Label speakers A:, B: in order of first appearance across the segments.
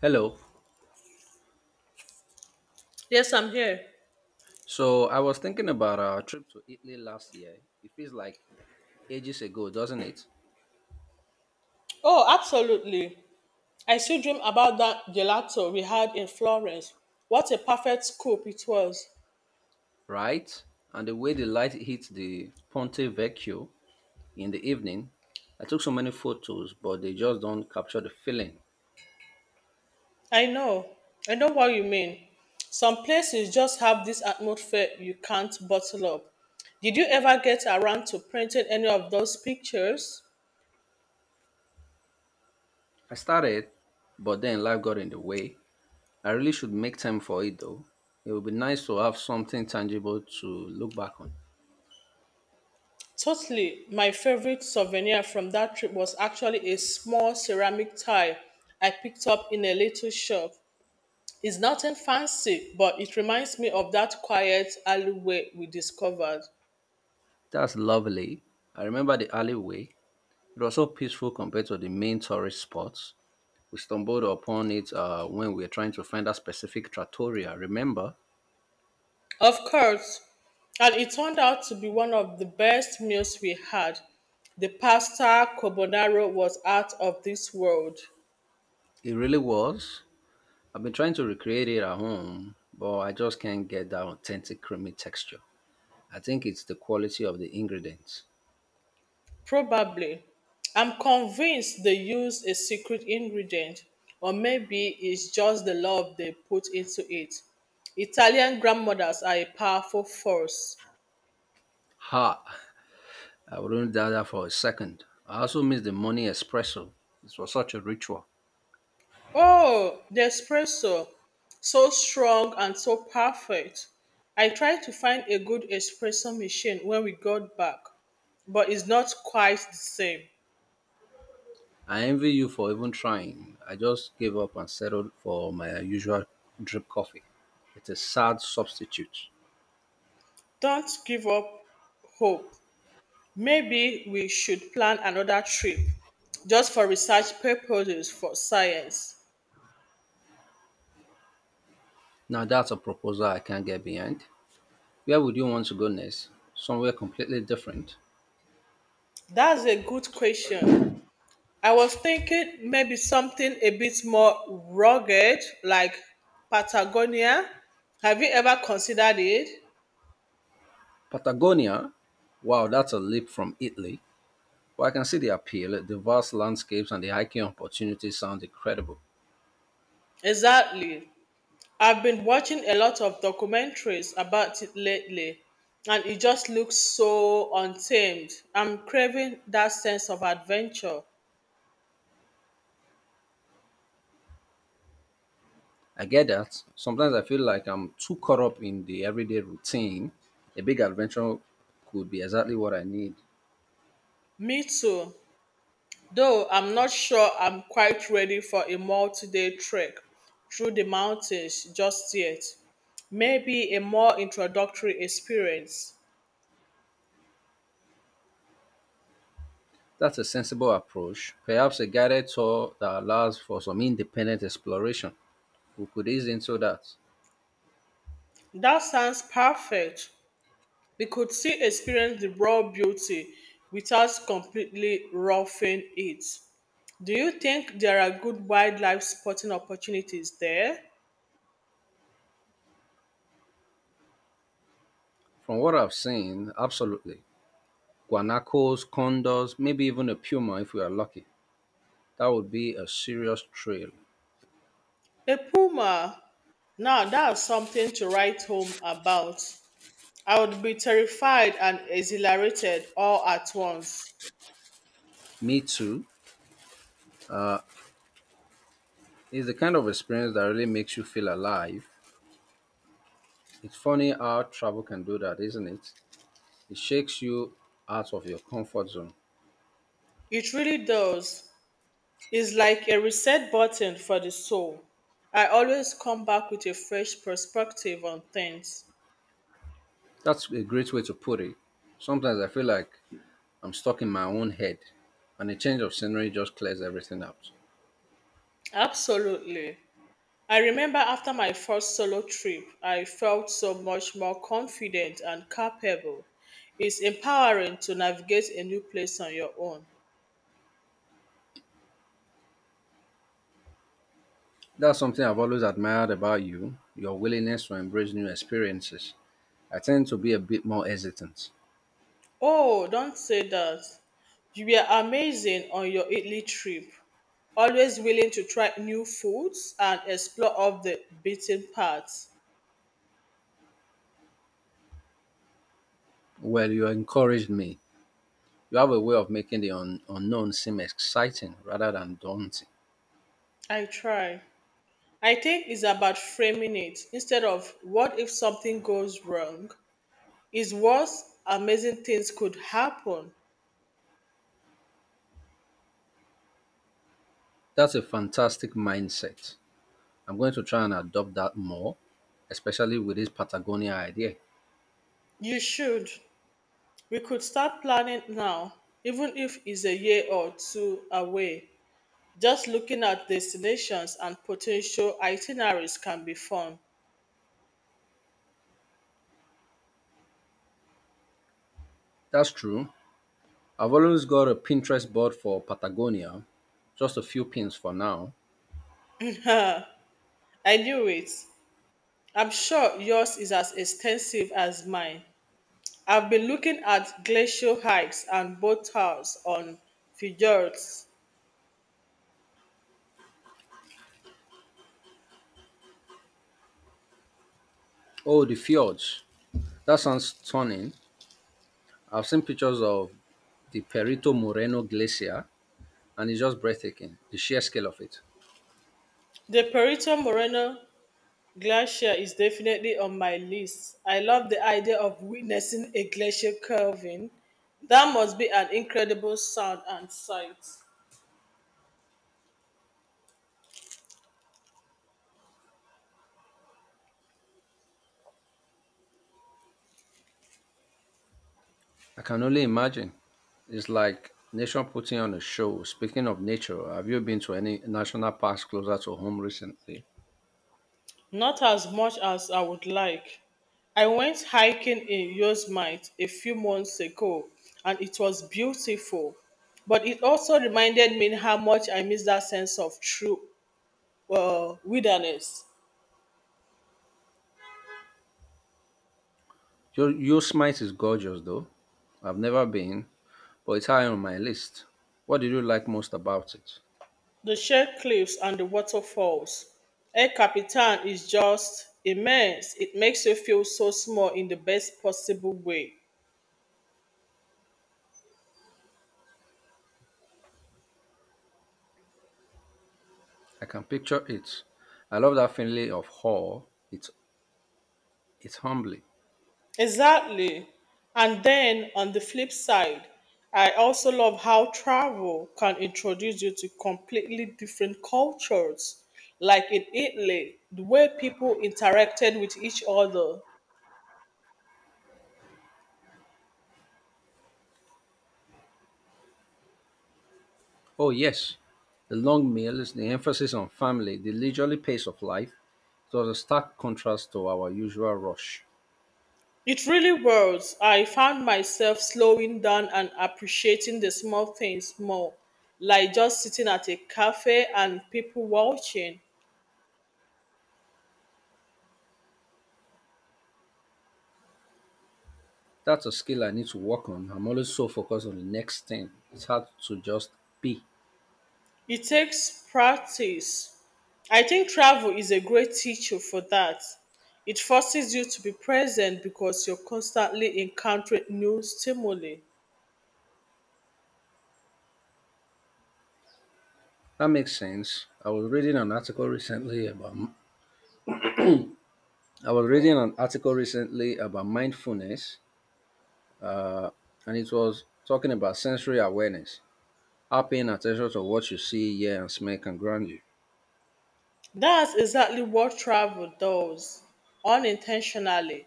A: Hello.
B: Yes, I'm here.
A: So I was thinking about our trip to Italy last year. It feels like ages ago, doesn't it?
B: Oh, absolutely. I still dream about that gelato we had in Florence. What a perfect scoop it was.
A: Right? And the way the light hits the Ponte Vecchio in the evening, I took so many photos, but they just don't capture the feeling.
B: I know. I know what you mean. Some places just have this atmosphere you can't bottle up. Did you ever get around to printing any of those pictures?
A: I started, but then life got in the way. I really should make time for it though. It would be nice to have something tangible to look back on.
B: Totally. My favorite souvenir from that trip was actually a small ceramic tile I picked up in a little shop. It's nothing fancy, but it reminds me of that quiet alleyway we discovered.
A: That's lovely. I remember the alleyway. It was so peaceful compared to the main tourist spots. We stumbled upon it when we were trying to find a specific trattoria. Remember,
B: Of course. And it turned out to be one of the best meals we had. The pasta carbonara was out of this world.
A: it really was. I've been trying to recreate it at home, but I just can't get that authentic creamy texture. I think it's the quality of the ingredients.
B: Probably. I'm convinced they used a secret ingredient, or maybe it's just the love they put into it. Italian grandmothers are a powerful force.
A: Ha! I wouldn't doubt that for a second. I also miss the money espresso. This was such a ritual.
B: Oh, the espresso. So strong and so perfect. I tried to find a good espresso machine when we got back, but it's not quite the same.
A: I envy you for even trying. I just gave up and settled for my usual drip coffee. It's a sad substitute.
B: Don't give up hope. Maybe we should plan another trip just for research purposes, for science.
A: Now that's a proposal I can't get behind. Where would you want to go next? Somewhere completely different.
B: That's a good question. I was thinking maybe something a bit more rugged, like Patagonia. Have you ever considered it?
A: Patagonia? Wow, that's a leap from Italy. But I can see the appeal. The vast landscapes and the hiking opportunities sound incredible.
B: Exactly. I've been watching a lot of documentaries about it lately, and it just looks so untamed. I'm craving that sense of adventure.
A: I get that. Sometimes I feel like I'm too caught up in the everyday routine. A big adventure could be exactly what I need.
B: Me too, though I'm not sure I'm quite ready for a multi day trek through the mountains just yet. Maybe a more introductory experience.
A: That's a sensible approach. Perhaps a guided tour that allows for some independent exploration. We could ease into that.
B: That sounds perfect. We could still experience the raw beauty without completely roughing it. Do you think there are good wildlife spotting opportunities there?
A: From what I've seen, absolutely. Guanacos, condors, maybe even a puma if we are lucky. That would be a serious trail.
B: A puma. Now that's something to write home about. I would be terrified and exhilarated all at once.
A: Me too. It's the kind of experience that really makes you feel alive. It's funny how travel can do that, isn't it? It shakes you out of your comfort zone.
B: It really does. It's like a reset button for the soul. I always come back with a fresh perspective on things.
A: That's a great way to put it. Sometimes I feel like I'm stuck in my own head, and a change of scenery just clears everything out.
B: Absolutely. I remember after my first solo trip, I felt so much more confident and capable. It's empowering to navigate a new place on your own.
A: That's something I've always admired about you, your willingness to embrace new experiences. I tend to be a bit more hesitant.
B: Oh, don't say that. You were amazing on your Italy trip, always willing to try new foods and explore off the beaten path.
A: Well, you encouraged me. You have a way of making the unknown seem exciting rather than daunting.
B: I try. I think it's about framing it. Instead of what if something goes wrong, it's worse, amazing things could happen.
A: That's a fantastic mindset. I'm going to try and adopt that more, especially with this Patagonia idea.
B: You should. We could start planning now, even if it's a year or two away. Just looking at destinations and potential itineraries can be fun.
A: That's true. I've always got a Pinterest board for Patagonia, just a few pins for now.
B: I knew it. I'm sure yours is as extensive as mine. I've been looking at glacial hikes and boat tours on fjords.
A: Oh, the fjords. That sounds stunning. I've seen pictures of the Perito Moreno Glacier, and it's just breathtaking, the sheer scale of it.
B: The Perito Moreno Glacier is definitely on my list. I love the idea of witnessing a glacier curving; that must be an incredible sound and sight.
A: I can only imagine. It's like nature putting on a show. Speaking of nature, have you been to any national parks closer to home recently?
B: Not as much as I would like. I went hiking in Yosemite a few months ago and it was beautiful. But it also reminded me how much I miss that sense of true wilderness.
A: Yosemite is gorgeous, though. I've never been, but it's high on my list. What did you like most about it?
B: The sheer cliffs and the waterfalls. El Capitan is just immense. It makes you feel so small in the best possible way.
A: I can picture it. I love that feeling of awe. It's it's humbling.
B: Exactly. And then on the flip side, I also love how travel can introduce you to completely different cultures. Like in Italy, the way people interacted with each other.
A: Oh, yes. The long meal is the emphasis on family, the leisurely pace of life. It was a stark contrast to our usual rush.
B: It really was. I found myself slowing down and appreciating the small things more, like just sitting at a cafe and people watching.
A: That's a skill I need to work on. I'm always so focused on the next thing. It's hard to just be.
B: It takes practice. I think travel is a great teacher for that. It forces you to be present because you're constantly encountering new stimuli.
A: That makes sense. I was reading an article recently about mindfulness, and it was talking about sensory awareness. How paying attention to what you see, hear and smell can ground you.
B: That's exactly what travel does, unintentionally.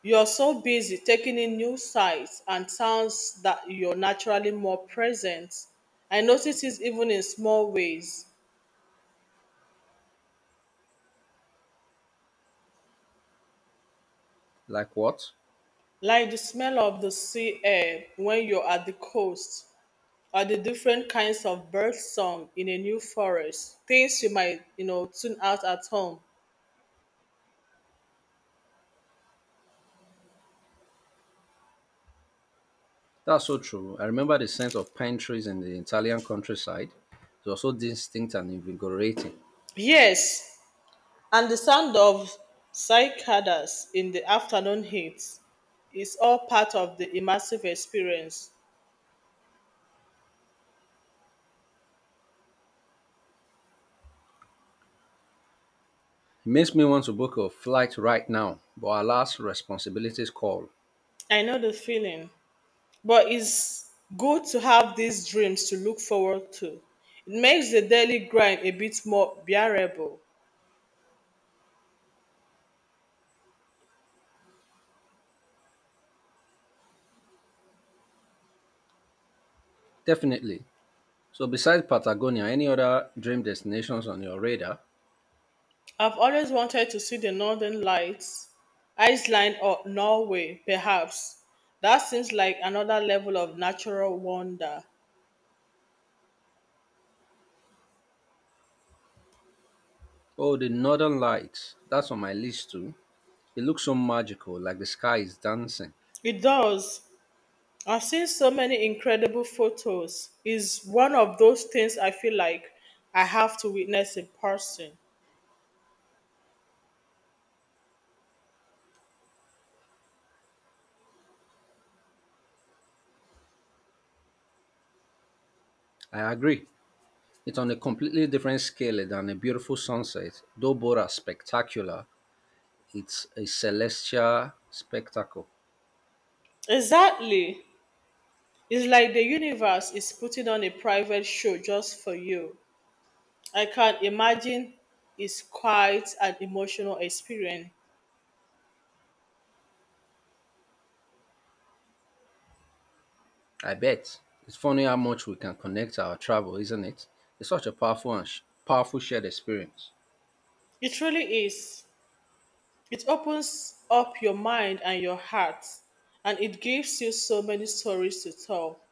B: You're so busy taking in new sights and sounds that you're naturally more present. I notice it even in small ways,
A: Like what?
B: like the smell of the sea air when you're at the coast, or the different kinds of bird song in a new forest, things you might, you know, tune out at home.
A: That's so true. I remember the scent of pine trees in the Italian countryside. It was so distinct and invigorating. It
B: Yes, and the sound of cicadas in the afternoon heat is all part of the immersive experience.
A: makes me want to book a flight right now, but alas, responsibilities call.
B: I know the feeling. But it's good to have these dreams to look forward to. It makes the daily grind a bit more bearable.
A: Definitely. So, besides Patagonia, any other dream destinations on your radar?
B: I've always wanted to see the Northern Lights, Iceland, or Norway, perhaps. That seems like another level of natural wonder.
A: Oh, the Northern Lights. That's on my list too. It looks so magical, like the sky is dancing.
B: It does. I've seen so many incredible photos. It's one of those things I feel like I have to witness in person.
A: I agree. It's on a completely different scale than a beautiful sunset, though both are spectacular. It's a celestial spectacle.
B: Exactly. It's like the universe is putting on a private show just for you. I can imagine it's quite an emotional experience.
A: I bet. It's funny how much we can connect our travel, isn't it? It's such a powerful shared experience.
B: It really is. It opens up your mind and your heart, and it gives you so many stories to tell.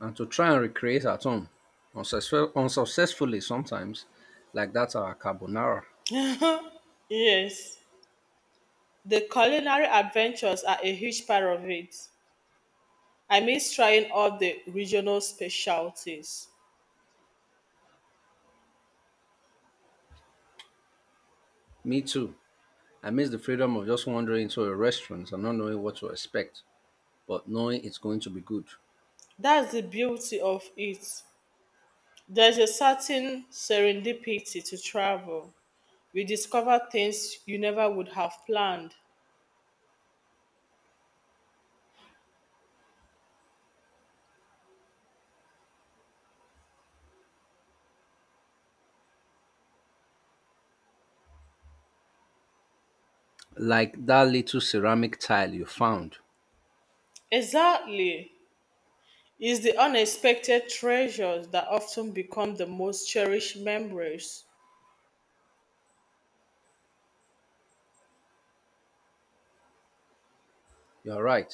A: And to try and recreate at home, unsuccessfully sometimes, like that's our carbonara.
B: Yes. The culinary adventures are a huge part of it. I miss trying all the regional specialties.
A: Me too. I miss the freedom of just wandering into a restaurant and not knowing what to expect, but knowing it's going to be good.
B: That's the beauty of it. There's a certain serendipity to travel. You discover things you never would have planned.
A: Like that little ceramic tile you found.
B: Exactly. It's the unexpected treasures that often become the most cherished memories.
A: You're right.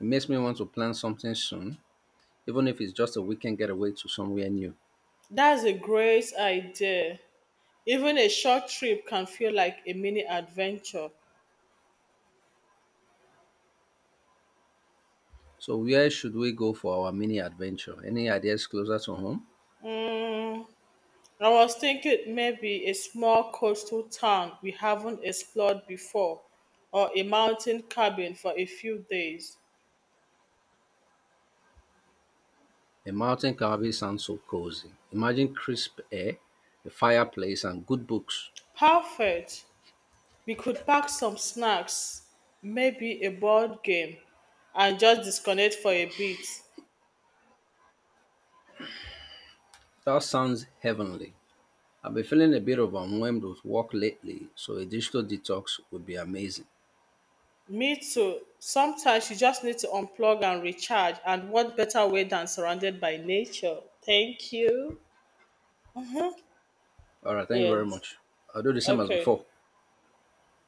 A: It makes me want to plan something soon, even if it's just a weekend getaway to somewhere new.
B: That's a great idea. Even a short trip can feel like a mini adventure.
A: So, where should we go for our mini adventure? Any ideas closer to home?
B: I was thinking maybe a small coastal town we haven't explored before, or a mountain cabin for a few days.
A: A mountain cabin sounds so cozy. Imagine crisp air, a fireplace, and good books.
B: Perfect. We could pack some snacks, maybe a board game, and just disconnect for a bit.
A: That sounds heavenly. I've been feeling a bit overwhelmed with work lately, so a digital detox would be amazing.
B: Me too. Sometimes you just need to unplug and recharge, and what better way than surrounded by nature? Thank you.
A: All right, thank you very
B: Yes.
A: much. I'll do the same as
B: Okay.
A: before.